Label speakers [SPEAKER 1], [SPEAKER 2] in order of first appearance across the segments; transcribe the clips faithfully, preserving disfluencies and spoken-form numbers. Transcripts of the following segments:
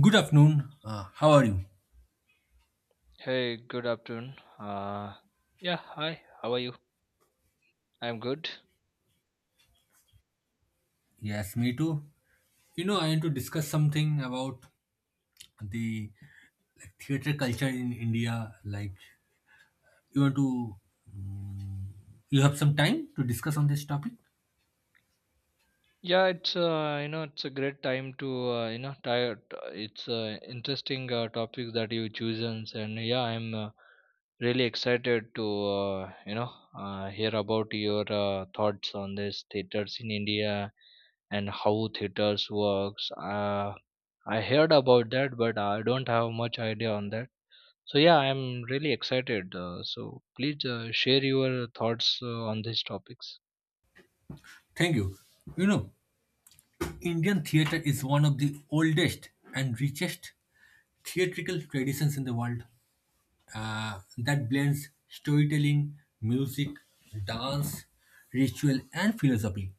[SPEAKER 1] Good afternoon. Uh, how are you?
[SPEAKER 2] Hey, good afternoon. Uh, yeah, hi. How are you? I'm good.
[SPEAKER 1] Yes, me too. You know, I want to discuss something about the like, theater culture in India. Like, you want to, mm, you have some time to discuss on this topic?
[SPEAKER 2] Yeah, it's uh, you know it's a great time to uh, you know tire. It's uh, interesting uh, topic that you chosen, and yeah, I'm uh, really excited to uh, you know uh, hear about your uh, thoughts on this theaters in India and how theaters works. Uh, I heard about that, but I don't have much idea on that. So yeah, I'm really excited. Uh, so please uh, share your thoughts uh, on these topics.
[SPEAKER 1] Thank you. You know, Indian theater is one of the oldest and richest theatrical traditions in the world, uh, that blends storytelling, music, dance, ritual, and philosophy.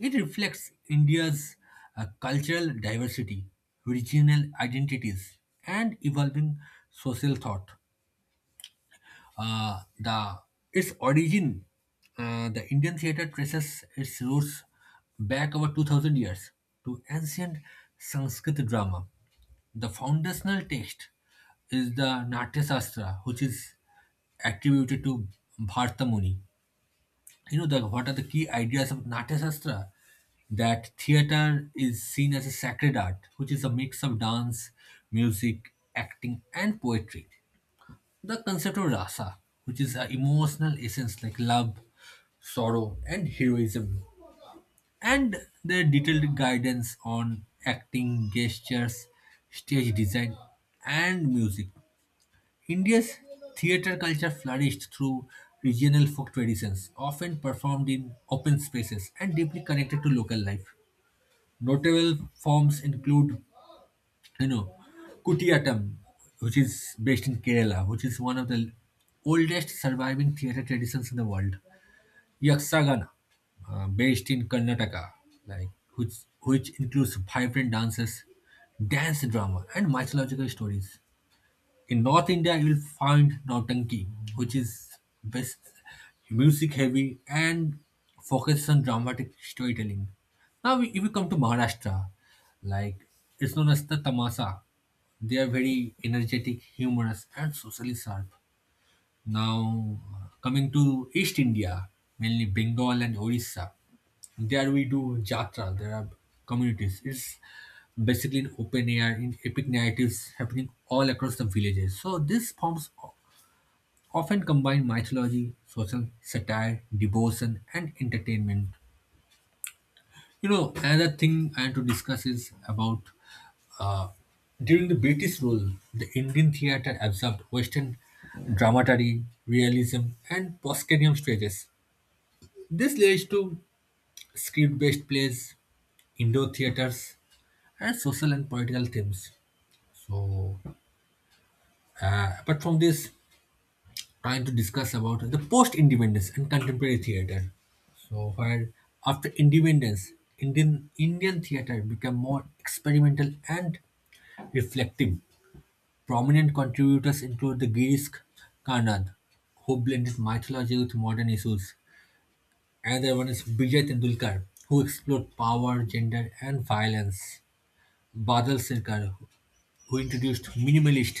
[SPEAKER 1] It reflects India's uh, cultural diversity, regional identities, and evolving social thought. Uh, the Its origin, uh, the Indian theater traces its roots back over two thousand years to ancient Sanskrit drama. The foundational text is the Natya Shastra, which is attributed to Bhartamuni. You know, the, what are the key ideas of Natya Shastra? That theater is seen as a sacred art, which is a mix of dance, music, acting, and poetry. The concept of rasa, which is an emotional essence like love, sorrow, and heroism, and their detailed guidance on acting, gestures, stage design, and music. India's theatre culture flourished through regional folk traditions, often performed in open spaces and deeply connected to local life. Notable forms include, you know, Kutiyattam, which is based in Kerala, which is one of the oldest surviving theatre traditions in the world. Yakshagana, uh, based in Karnataka, like which which includes vibrant dances, dance drama, and mythological stories. In North India, you will find Nautanki, which is best music heavy and focuses on dramatic storytelling. Now, if you come to Maharashtra, like, it's known as the Tamasa. They are very energetic, humorous, and socially sharp. Now, coming to East India, mainly Bengal and Orissa, there we do Jatra. There are communities. It's basically an open air in epic narratives happening all across the villages. So, these forms o- often combine mythology, social satire, devotion, and entertainment. You know, another thing I want to discuss is about, uh, during the British rule, the Indian theatre absorbed Western dramaturgy, realism, and proscenium stages. This led to script based plays, indoor theatres, and social and political themes. So, uh, apart from this, trying to discuss about the post independence and contemporary theatre. So, where after independence, Indian Indian theatre became more experimental and reflective. Prominent contributors include the Girish Karnad, who blended mythology with modern issues. Another one is Vijay Tendulkar, who explored power, gender, and violence. Badal Sirkar, who introduced minimalist,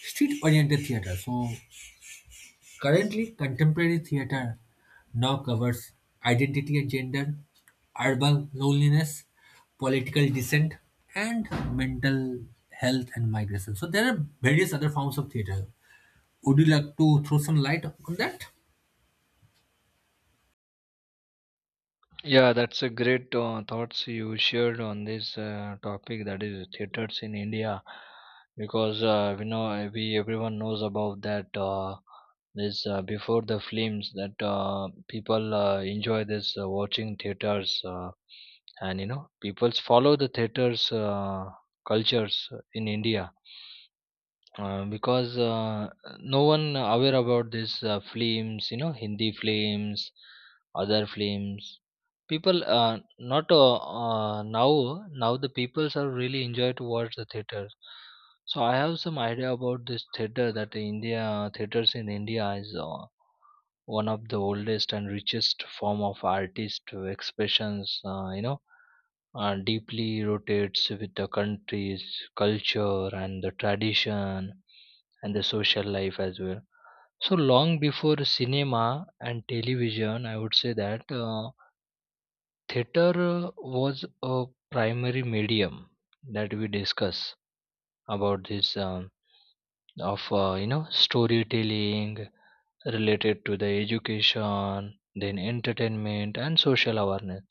[SPEAKER 1] street oriented theatre. So, currently, contemporary theatre now covers identity and gender, urban loneliness, political dissent, and mental health and migration. So, there are various other forms of theatre. Would you like to throw some light on that?
[SPEAKER 2] Yeah, that's a great uh, thoughts you shared on this uh, topic that is theaters in India, because uh, we know uh, we everyone knows about that. Uh, this uh, Before the films that uh, people uh, enjoy this uh, watching theaters uh, and you know people follow the theaters uh, cultures in India. Uh, because uh, No one aware about this uh, films, you know, Hindi films, other films. People uh, not uh, uh, now now the peoples are really enjoy to watch the theater. So I have some idea about this theater that India theaters in India is uh, one of the oldest and richest form of artist expressions. Uh, you know, uh, deeply rotates with the country's culture and the tradition and the social life as well. So long before cinema and television, I would say that uh, theater uh, was a primary medium that we discuss about this um, of uh, you know storytelling related to the education, then entertainment and social awareness.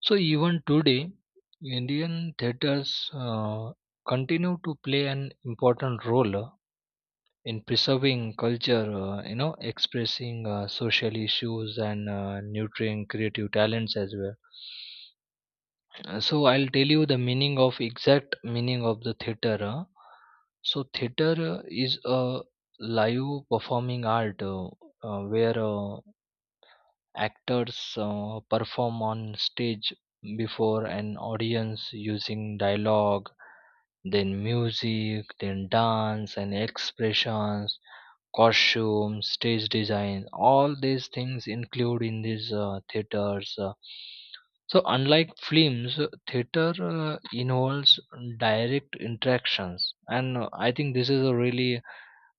[SPEAKER 2] So even today, Indian theaters uh, continue to play an important role uh, in preserving culture, uh, you know, expressing uh, social issues and uh, nurturing creative talents as well. Uh, So I'll tell you the meaning of exact meaning of the theater. uh. So theater uh, is a live performing art, uh, uh, where uh, actors uh, perform on stage before an audience using dialogue, then music, then dance and expressions, costumes, stage design. All these things include in these uh, theaters. Uh. So, unlike films, uh, theater uh, involves direct interactions, and uh, I think this is a really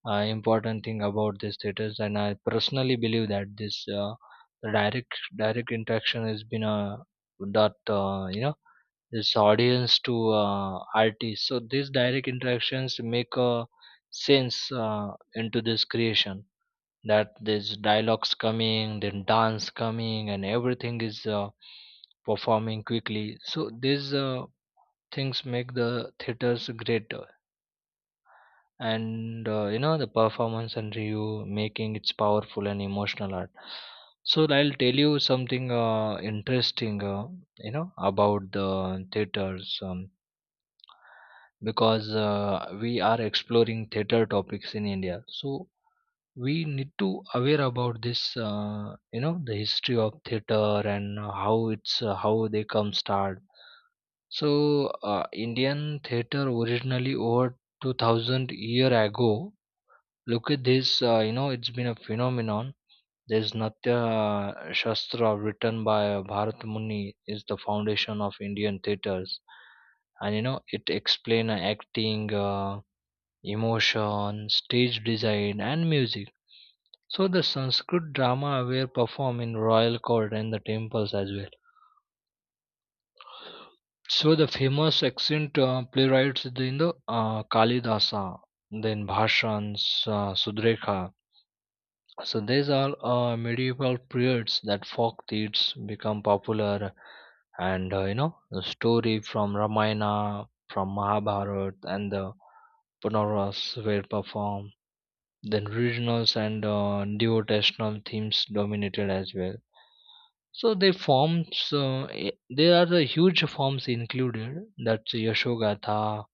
[SPEAKER 2] uh, important thing about this status, and I personally believe that this uh, the direct direct interaction has been uh, that uh, you know this audience to uh, artists, so these direct interactions make a sense uh, into this creation, that there's dialogues coming, then dance coming, and everything is uh, performing quickly. So these uh, things make the theaters great, and uh, you know the performance and review making it's powerful and emotional art. So I'll tell you something uh, interesting uh, you know about the theaters um, because uh, we are exploring theater topics in India, so we need to aware about this uh, you know the history of theater and how it's uh, how they come start. So uh, Indian theater originally over two thousand year ago. Look at this, uh, you know, it's been a phenomenon. There's Natya uh, Shastra written by uh, Bharat Muni is the foundation of Indian theatres. And you know, it explains acting, uh, emotion, stage design and music. So the Sanskrit drama were performed in royal court and the temples as well. So the famous accent uh, playwrights in the uh, Kalidasa, then Bhashans, uh, Sudrekha. So these are uh, medieval periods that folk deeds become popular, and uh, you know the story from Ramayana, from Mahabharata, and the Punaras were performed. Then regionals and uh, devotional themes dominated as well. So they forms uh, i- there are the huge forms included. That's Yashogatha,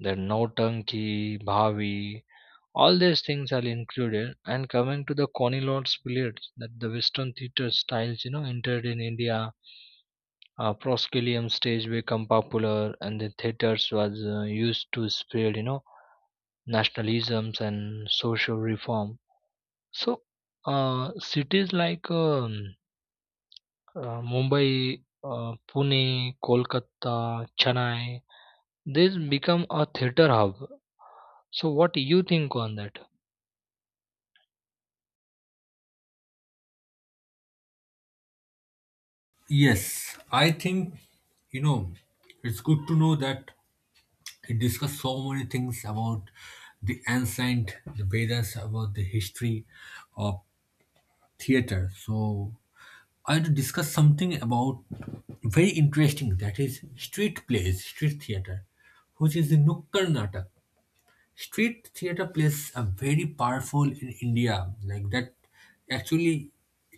[SPEAKER 2] then Nautanki, Bhavi, all these things are included. And coming to the Conilord's period, that the Western theatre styles, you know, entered in India. Uh, proscenium stage become popular, and the theaters was uh, used to spread, you know, nationalisms and social reform. So, uh, cities like um, uh, Mumbai, uh, Pune, Kolkata, Chennai, these become a theater hub. So, what do you think on that?
[SPEAKER 1] Yes, I think, you know, it's good to know that it discussed so many things about the ancient, the Vedas, about the history of theater. So I had to discuss something about very interesting, that is street plays, street theater, which is the Nukkad Natak. Street theater plays a very powerful in India, like that actually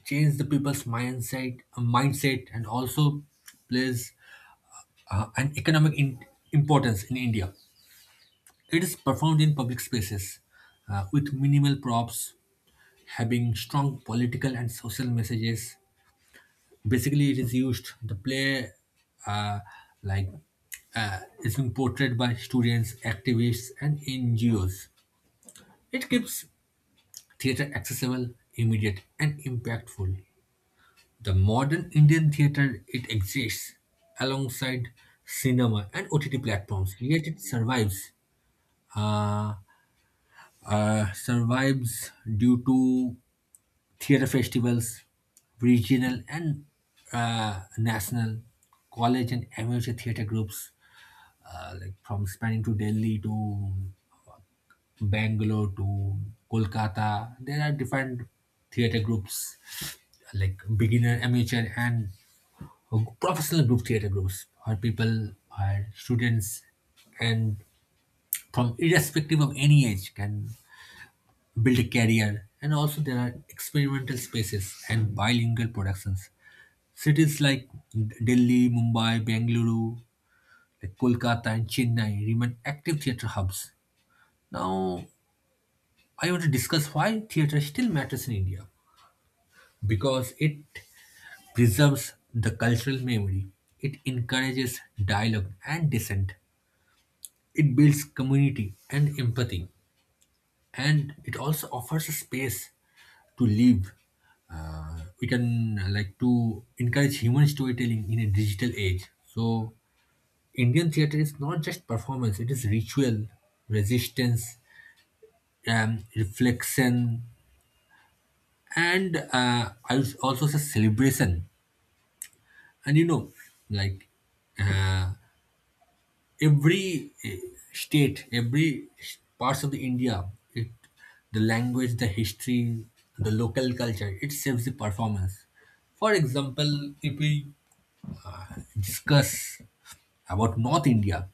[SPEAKER 1] changed the people's mindset, uh, mindset, and also plays uh, an economic in- importance in India. It is performed in public spaces uh, with minimal props, having strong political and social messages. Basically, it is used the play, uh, like uh, is has portrayed by students, activists, and N G Os. It gives theater accessible, immediate, and impactful. The modern Indian theater, it exists alongside cinema and O T T platforms, yet it survives. Uh, uh, Survives due to theater festivals, regional and uh, national, college and amateur theater groups, uh, like from spanning to Delhi to Bangalore to Kolkata. There are different theater groups like beginner, amateur, and professional group theater groups where people or students and from irrespective of any age can build a career. And also there are experimental spaces and bilingual productions. Cities like Delhi, Mumbai, Bengaluru, like Kolkata and Chennai remain active theatre hubs. Now I want to discuss why theatre still matters in India, because it preserves the cultural memory. It encourages dialogue and dissent. It builds community and empathy. And it also offers a space to live. Uh, we can, uh, like, to encourage human storytelling in a digital age. So Indian theater is not just performance; it is ritual, resistance, um, reflection, and, uh, I would also say, celebration. And you know, like, every eh, state, every s- parts of the India, it, the language, the history, the local culture, it shapes the performance. For example, if we discuss about North India,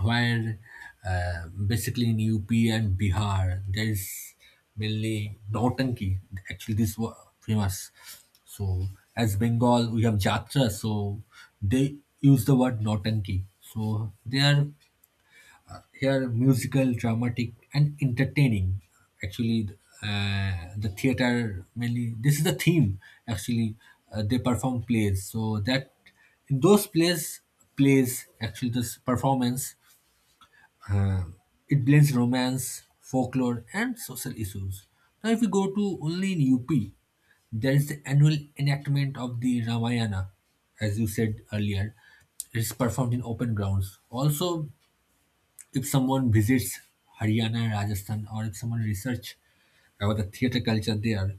[SPEAKER 1] where, uh, basically in U P and Bihar, there is mainly Nautanki. Actually, this was famous. So, as Bengal, we have Jatra, so they use the word Nautanki. So, they are they are musical, dramatic, and entertaining. Actually, uh, the theater mainly this is the theme. Actually, uh, they perform plays, so that in those plays, plays actually this performance, uh, it blends romance, folklore, and social issues. Now, if we go to only in U P, there is the annual enactment of the Ramayana, as you said earlier. It's performed in open grounds. Also, if someone visits Haryana, and Rajasthan, or if someone research about the theater culture there,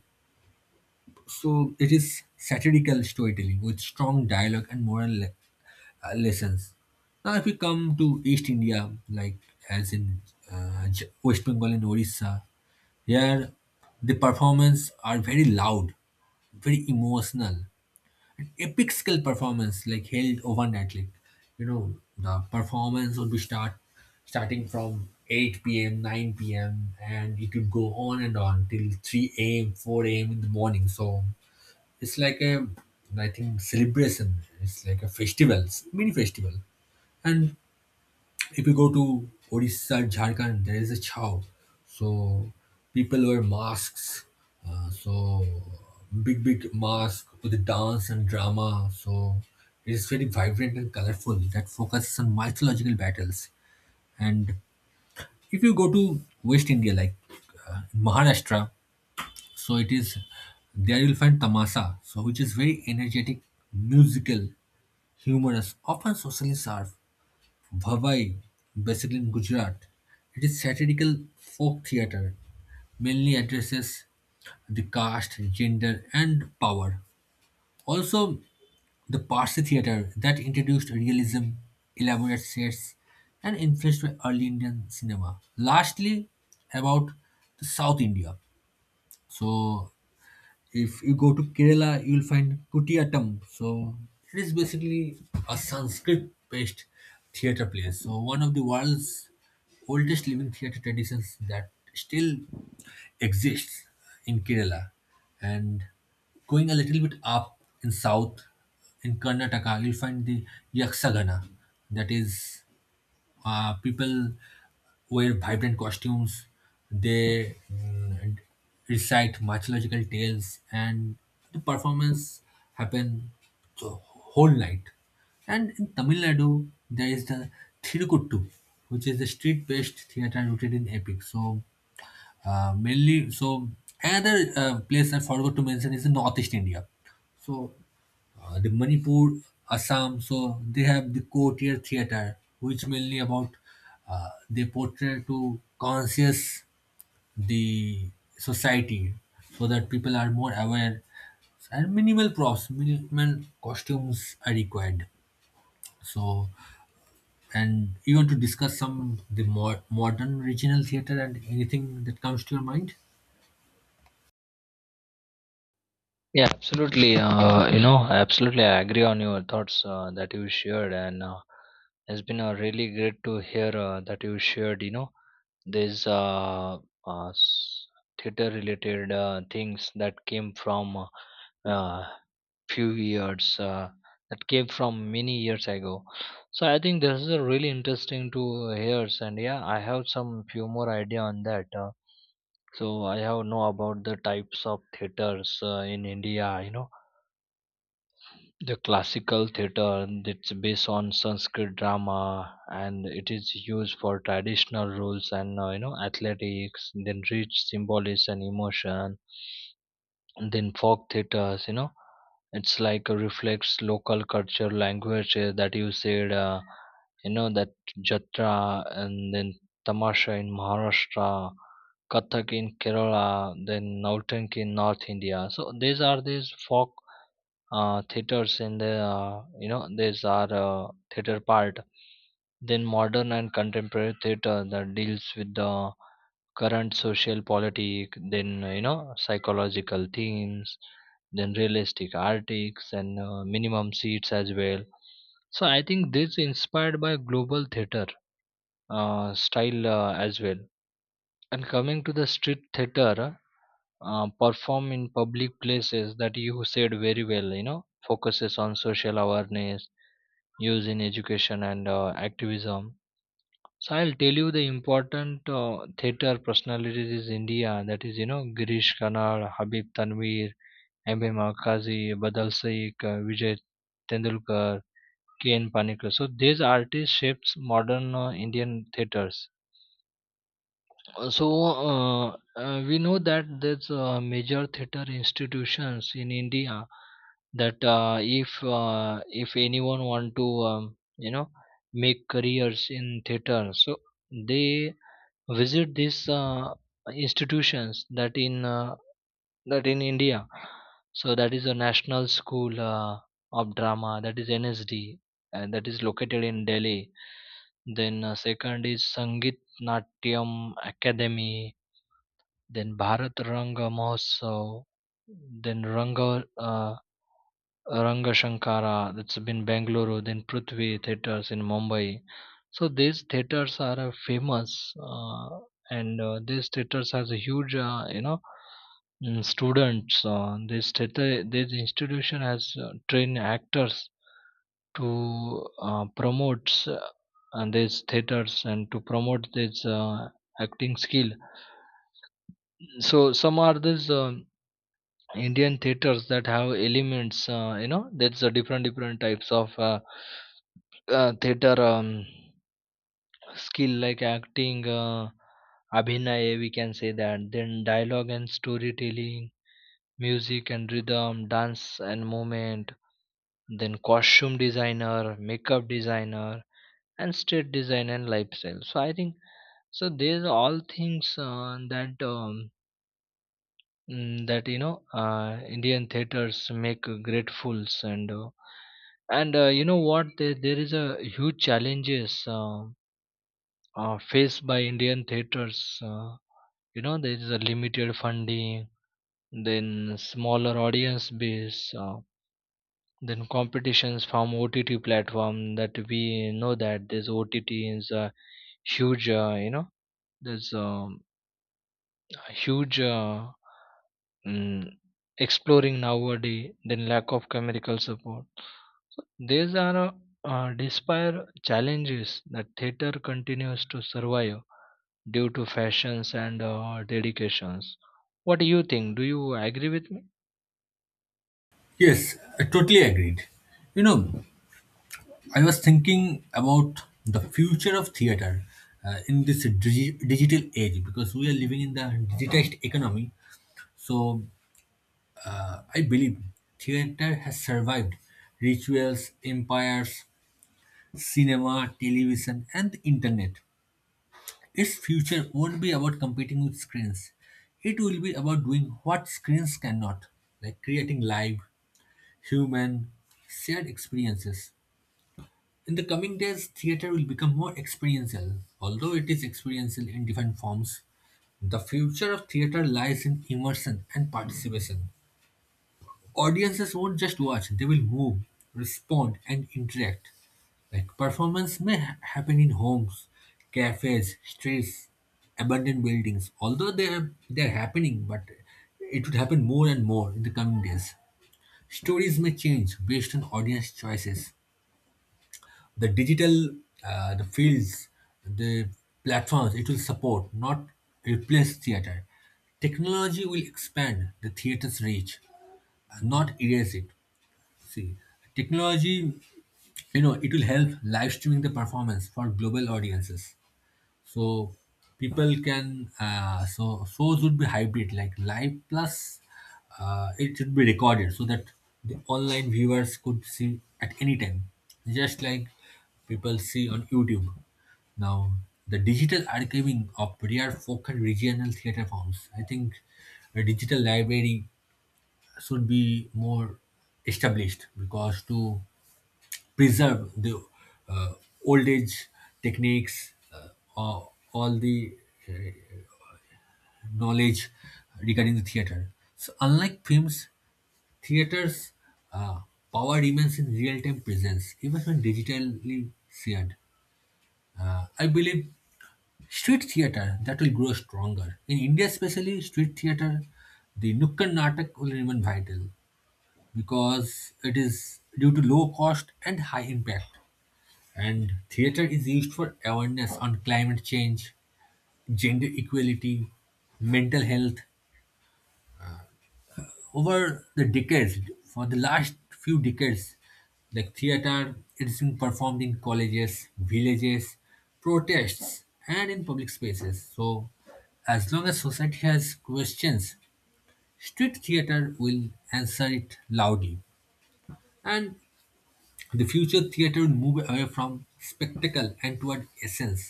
[SPEAKER 1] so it is satirical storytelling with strong dialogue and moral le- uh, lessons. Now, if we come to East India, like, as in, uh, J- West Bengal and Orissa, here the performances are very loud, very emotional, epic skill performance like held overnight. Like, you know, the performance would be start starting from eight p.m. nine p.m. and it could go on and on till three a.m. four a.m. in the morning. So it's like a, I think, celebration. It's like a festival, mini festival. And if you go to Orissa, Jharkhand, there is a chow. So people wear masks. Uh, so big, big mask with dance and drama. So it is very vibrant and colorful that focuses on mythological battles. And if you go to West India, like, uh, Maharashtra, so it is there you'll find Tamasa, so which is very energetic, musical, humorous, often socially sharp. Bhavai, based in Gujarat. It is satirical folk theatre, mainly addresses the caste, gender, and power. Also, the Parsi theatre that introduced realism, elaborate sets, and influenced by early Indian cinema. Lastly, about the South India. So, if you go to Kerala, you'll find Kutiyatam. So it is basically a Sanskrit-based theater play. So one of the world's oldest living theater traditions that still exists in Kerala. And going a little bit up in south, in Karnataka, you'll find the Yakshagana. That is, uh, people wear vibrant costumes, they, mm, recite mythological tales and the performance happen the whole night. And in Tamil Nadu there is the Thirukuttu, which is the street-based theater rooted in epic. So, uh, mainly, so another uh, place I forgot to mention is in Northeast India. So, uh, the Manipur, Assam, so they have the courtier theater, which mainly about, uh, they portray to conscious the society so that people are more aware, and minimal props, minimal costumes are required. So, and you want to discuss some the more modern regional theater and anything that comes to your mind?
[SPEAKER 2] Yeah, absolutely. Uh, you know, absolutely. I agree on your thoughts uh, that you shared, and uh, it's been uh, really great to hear uh, that you shared. You know, these uh, uh, theater-related uh, things that came from uh, uh, few years uh, that came from many years ago. So I think this is a really interesting to hear, and yeah, I have some few more idea on that. Uh, so I have know about the types of theaters uh, in India. You know, the classical theatre, it's based on Sanskrit drama and it is used for traditional rules and uh, you know athletics, then rich symbolism and emotion. And then folk theaters, you know, it's like uh, reflects local culture language, uh, that you said, uh, you know, that jatra, and then tamasha in Maharashtra, kathak in Kerala, then nautank in North India. So these are these folk uh, theaters in the uh, you know there's our uh, theater part. Then modern and contemporary theater that deals with the current social politic, then uh, you know psychological themes, then realistic artics and uh, minimum seats as well. So I think this inspired by global theater uh, style uh, as well. And coming to the street theater, uh, perform in public places, that you said very well, you know focuses on social awareness, use in education and uh, activism. So I'll tell you the important uh, theater personalities in India, that is you know Girish Karnad, Habib Tanvir, M A. Makazi, Badal Saik, uh, Vijay Tendulkar, K N. Panikkar. So these artists shaped modern uh, Indian theaters. Uh, So, uh, uh, we know that there's uh, major theater institutions in India, that uh, if uh, if anyone want to um, you know make careers in theater, so they visit these uh, institutions that in uh, that in India. So that is a National School uh, of Drama, that is N S D, and that is located in Delhi. Then uh, second is Sangit Natyam Academy, then Bharat Ranga Mahotsav, then Ranga uh, Ranga Shankara that's been Bangalore, then Prithvi theaters in Mumbai. So these theaters are uh, famous, uh, and uh, these theaters has a huge, uh, you know, mm, students. Uh, this theater, this institution has uh, trained actors to uh, promote uh, and these theaters and to promote this uh, acting skill. So some are this. Uh, Indian theaters that have elements, uh, you know, that's a different different types of uh, uh, theater um, skill like acting, uh, abhinay, we can say that. Then dialogue and storytelling, music and rhythm, dance and movement. Then costume designer, makeup designer, and state design and lifestyle. So I think so. These all things uh, that um, mm, that you know uh, Indian theaters make great fools, and uh, and uh, you know what, there, there is a huge challenges uh, uh, faced by Indian theaters. Uh, you know, there is a limited funding, then smaller audience base, uh, then competitions from O T T platform. That we know that this O T T is a huge, uh, you know there's um, a huge uh, mm, exploring nowadays, then lack of chemical support. So these are uh, uh, despite challenges that theater continues to survive due to fashions and uh, dedications. What do you think? Do you agree with me?
[SPEAKER 1] Yes, I totally agreed. You know, I was thinking about the future of theater, uh, in this digi- digital age, because we are living in the digitized economy. So uh, I believe theater has survived rituals, empires, cinema, television, and the internet. Its future won't be about competing with screens. It will be about doing what screens cannot, like creating live, human, shared experiences. In the coming days, theater will become more experiential. Although it is experiential in different forms, the future of theater lies in immersion and participation. Audiences won't just watch, they will move, respond, and interact. Like performance may ha- happen in homes, cafes, streets, abandoned buildings. Although they are they're happening, but it would happen more and more in the coming days. Stories may change based on audience choices. The digital uh, the fields the platforms, it will support not replace theater. Technology will expand the theater's reach, not erase it. See, technology, you know, it will help live streaming the performance for global audiences. So people can, uh, so shows would be hybrid, like live plus, uh, it should be recorded so that the online viewers could see at any time, just like people see on YouTube. Now, the digital archiving of rare folk and regional theater forms, I think a digital library should be more established, because to preserve the, uh, old age techniques, uh, all, all the, uh, knowledge regarding the theater. So, unlike films, theaters' uh, power remains in real time presence, even when digitally shared. Uh, I believe street theater that will grow stronger. In India, especially, street theater, the Nukkad Natak will remain vital, because it is due to low cost and high impact. And theater is used for awareness on climate change, gender equality, mental health. Over the decades, for the last few decades, like theater, it's been performed in colleges, villages, protests, and in public spaces. So, as long as society has questions, street theater will answer it loudly. And The future theatre will move away from spectacle and toward essence.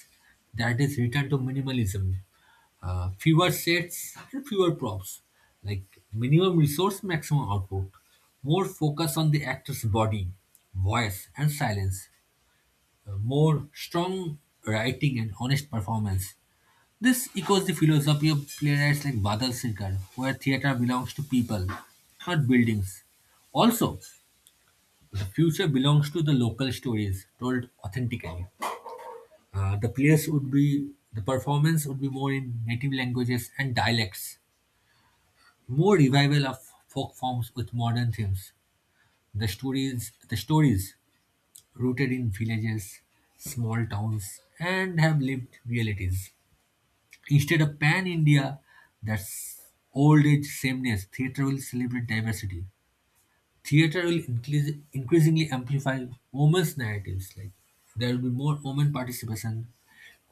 [SPEAKER 1] That is return to minimalism. Uh, fewer sets and fewer props. Like minimum resource, maximum output. More focus on the actor's body, voice, and silence. Uh, more strong writing and honest performance. This echoes the philosophy of playwrights like Badal Sirkar, where theatre belongs to people, not buildings. Also, the future belongs to the local stories told authentically. Uh, the players would be, the performance would be more in native languages and dialects. More revival of folk forms with modern themes. The stories, the stories rooted in villages, small towns, and have lived realities. Instead of pan India, that's old age sameness. Theatre will celebrate diversity. theater will increase, increasingly amplify women's narratives. Like there will be more women participation,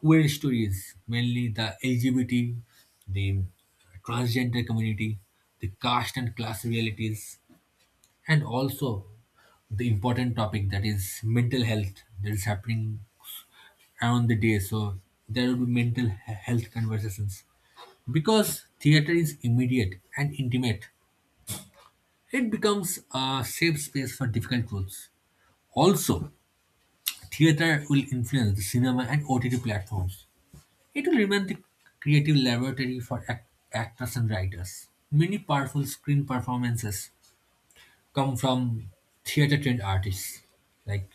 [SPEAKER 1] queer stories, mainly the L G B T, the uh, transgender community, the caste and class realities, and also the important topic that is mental health that is happening around the day. So there will be mental he- health conversations. Because theater is immediate and intimate, it becomes a safe space for difficult truths. Also, theatre will influence the cinema and O T T platforms. It will remain the creative laboratory for act- actors and writers. Many powerful screen performances come from theatre trained artists, like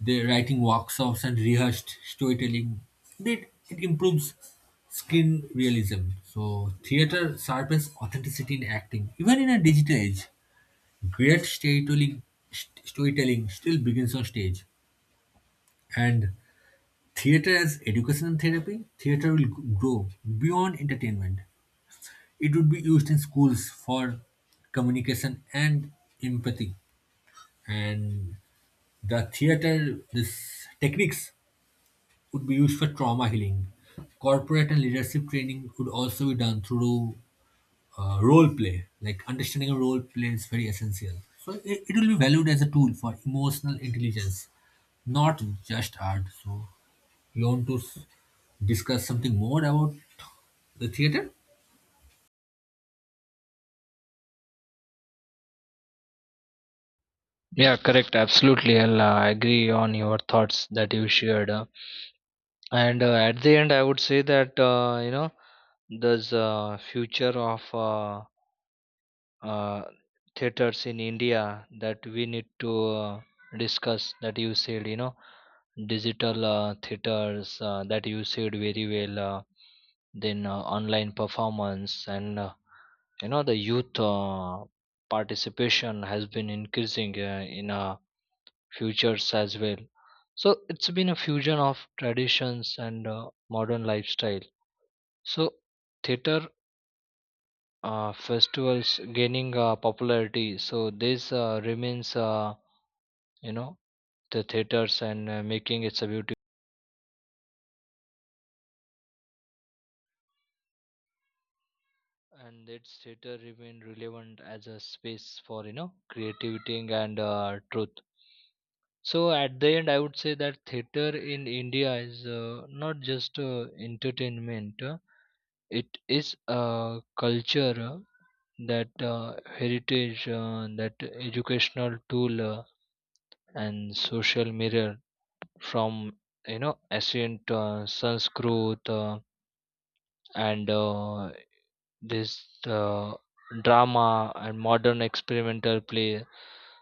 [SPEAKER 1] the writing workshops and rehearsed storytelling. It, it improves screen realism. So, theatre sharpens authenticity in acting, even in a digital age. Great storytelling, st- storytelling still begins on stage, and theater as educational therapy, theater will g- grow beyond entertainment. It would be used in schools for communication and empathy. And the theater, this techniques would be used for trauma healing. Corporate and leadership training would also be done through uh, role play. Like understanding a role play is very essential, so it, it will be valued as a tool for emotional intelligence, not just art. So you want to s- discuss something more about the theater?
[SPEAKER 2] Yeah, correct, absolutely. I'll uh, agree on your thoughts that you shared, uh, and uh, at the end I would say that uh, you know there's a future of uh, uh, theaters in India that we need to uh, discuss, that you said, you know, digital uh, theaters uh, that you said very well, uh, then uh, online performance, and uh, you know the youth uh, participation has been increasing uh, in uh, futures as well. So it's been a fusion of traditions and uh, modern lifestyle. So theater uh, festivals gaining uh, popularity, so this uh, remains uh, you know the theaters and uh, making it's a beauty, and its theater remain relevant as a space for you know creativity and uh, truth. So at the end I would say that theater in India is uh, not just uh, entertainment, uh, it is a culture, uh, that uh, heritage, uh, that educational tool, uh, and social mirror from you know ancient uh, Sanskrit uh, and uh, this uh, drama and modern experimental play.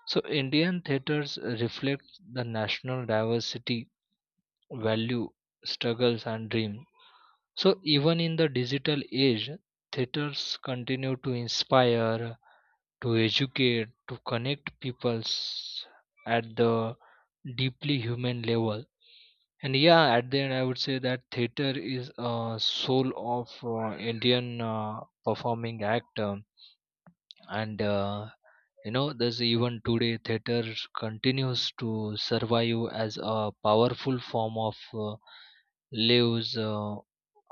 [SPEAKER 2] So Indian theaters reflect the national diversity, value, struggles and dream. So even in the digital age, theaters continue to inspire, to educate, to connect peoples at the deeply human level. And yeah, at the end, I would say that theater is a soul of uh, Indian uh, performing act. Um, and uh, You know, there's even today theater continues to survive as a powerful form of uh, lives uh,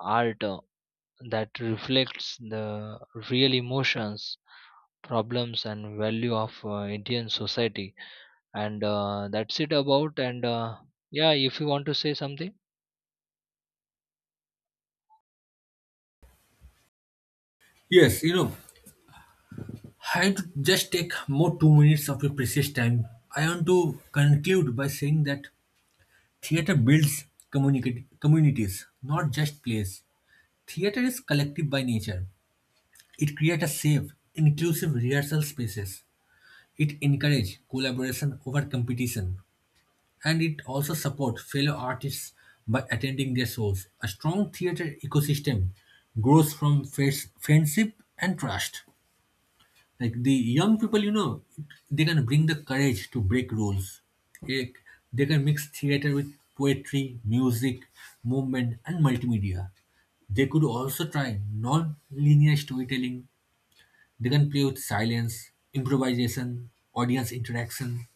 [SPEAKER 2] art uh, that reflects the real emotions, problems and value of uh, Indian society. And uh, that's it about. And uh, yeah, if you want to say something.
[SPEAKER 1] Yes, you know, I had to just take more two minutes of your precious time. I want to conclude by saying that theater builds communicate communities, not just plays. Theater is collective by nature. It creates a safe, inclusive rehearsal spaces. It encourages collaboration over competition, and it also supports fellow artists by attending their shows. A strong theater ecosystem grows from friends- friendship and trust. Like the young people, you know, they can bring the courage to break rules. Like, they can mix theater with poetry, music, movement, and multimedia. They could also try non-linear storytelling. They can play with silence, improvisation, audience interaction.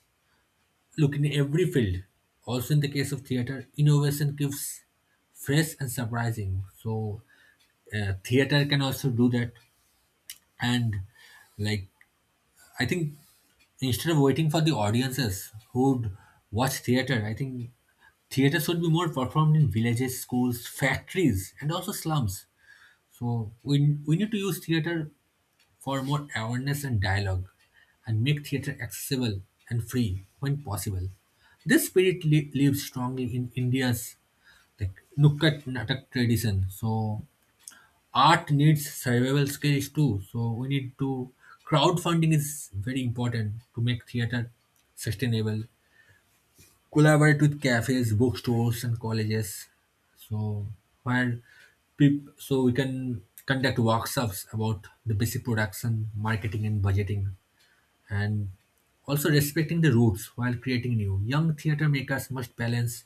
[SPEAKER 1] Look, in every field, also in the case of theater, innovation keeps fresh and surprising. So, uh, theater can also do that. And, like, I think instead of waiting for the audiences who'd watch theater, I think theater should be more performed in villages, schools, factories, and also slums. So, we, we need to use theater for more awareness and dialogue, and make theatre accessible and free when possible. This spirit li- lives strongly in India's like Nukkad Natak tradition. So art needs survival skills too. So we need to crowdfunding is very important to make theatre sustainable. Collaborate with cafes, bookstores, and colleges. So where peop- so we can conduct workshops about the basic production, marketing, and budgeting, and also respecting the roots while creating new. Young theatre makers must balance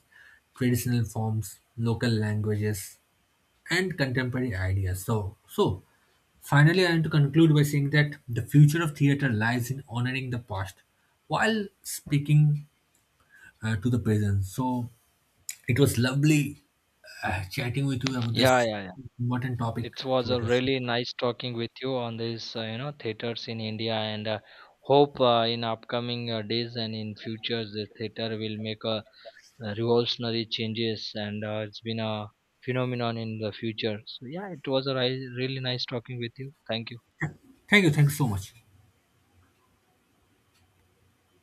[SPEAKER 1] traditional forms, local languages, and contemporary ideas. So, so finally, I want to conclude by saying that the future of theatre lies in honoring the past while speaking uh, to the present. So, it was lovely uh, chatting with you about
[SPEAKER 2] Yeah,
[SPEAKER 1] this
[SPEAKER 2] yeah,
[SPEAKER 1] important topic,
[SPEAKER 2] it was a
[SPEAKER 1] theatre.
[SPEAKER 2] really nice talking with you on this, uh, you know, theaters in India. And uh, hope uh, in upcoming uh, days and in future the theater will make a uh, revolutionary changes, and uh, it's been a phenomenon in the future. So yeah, it was a ri- really nice talking with you. Thank you.
[SPEAKER 1] Thank you. Thank you so much.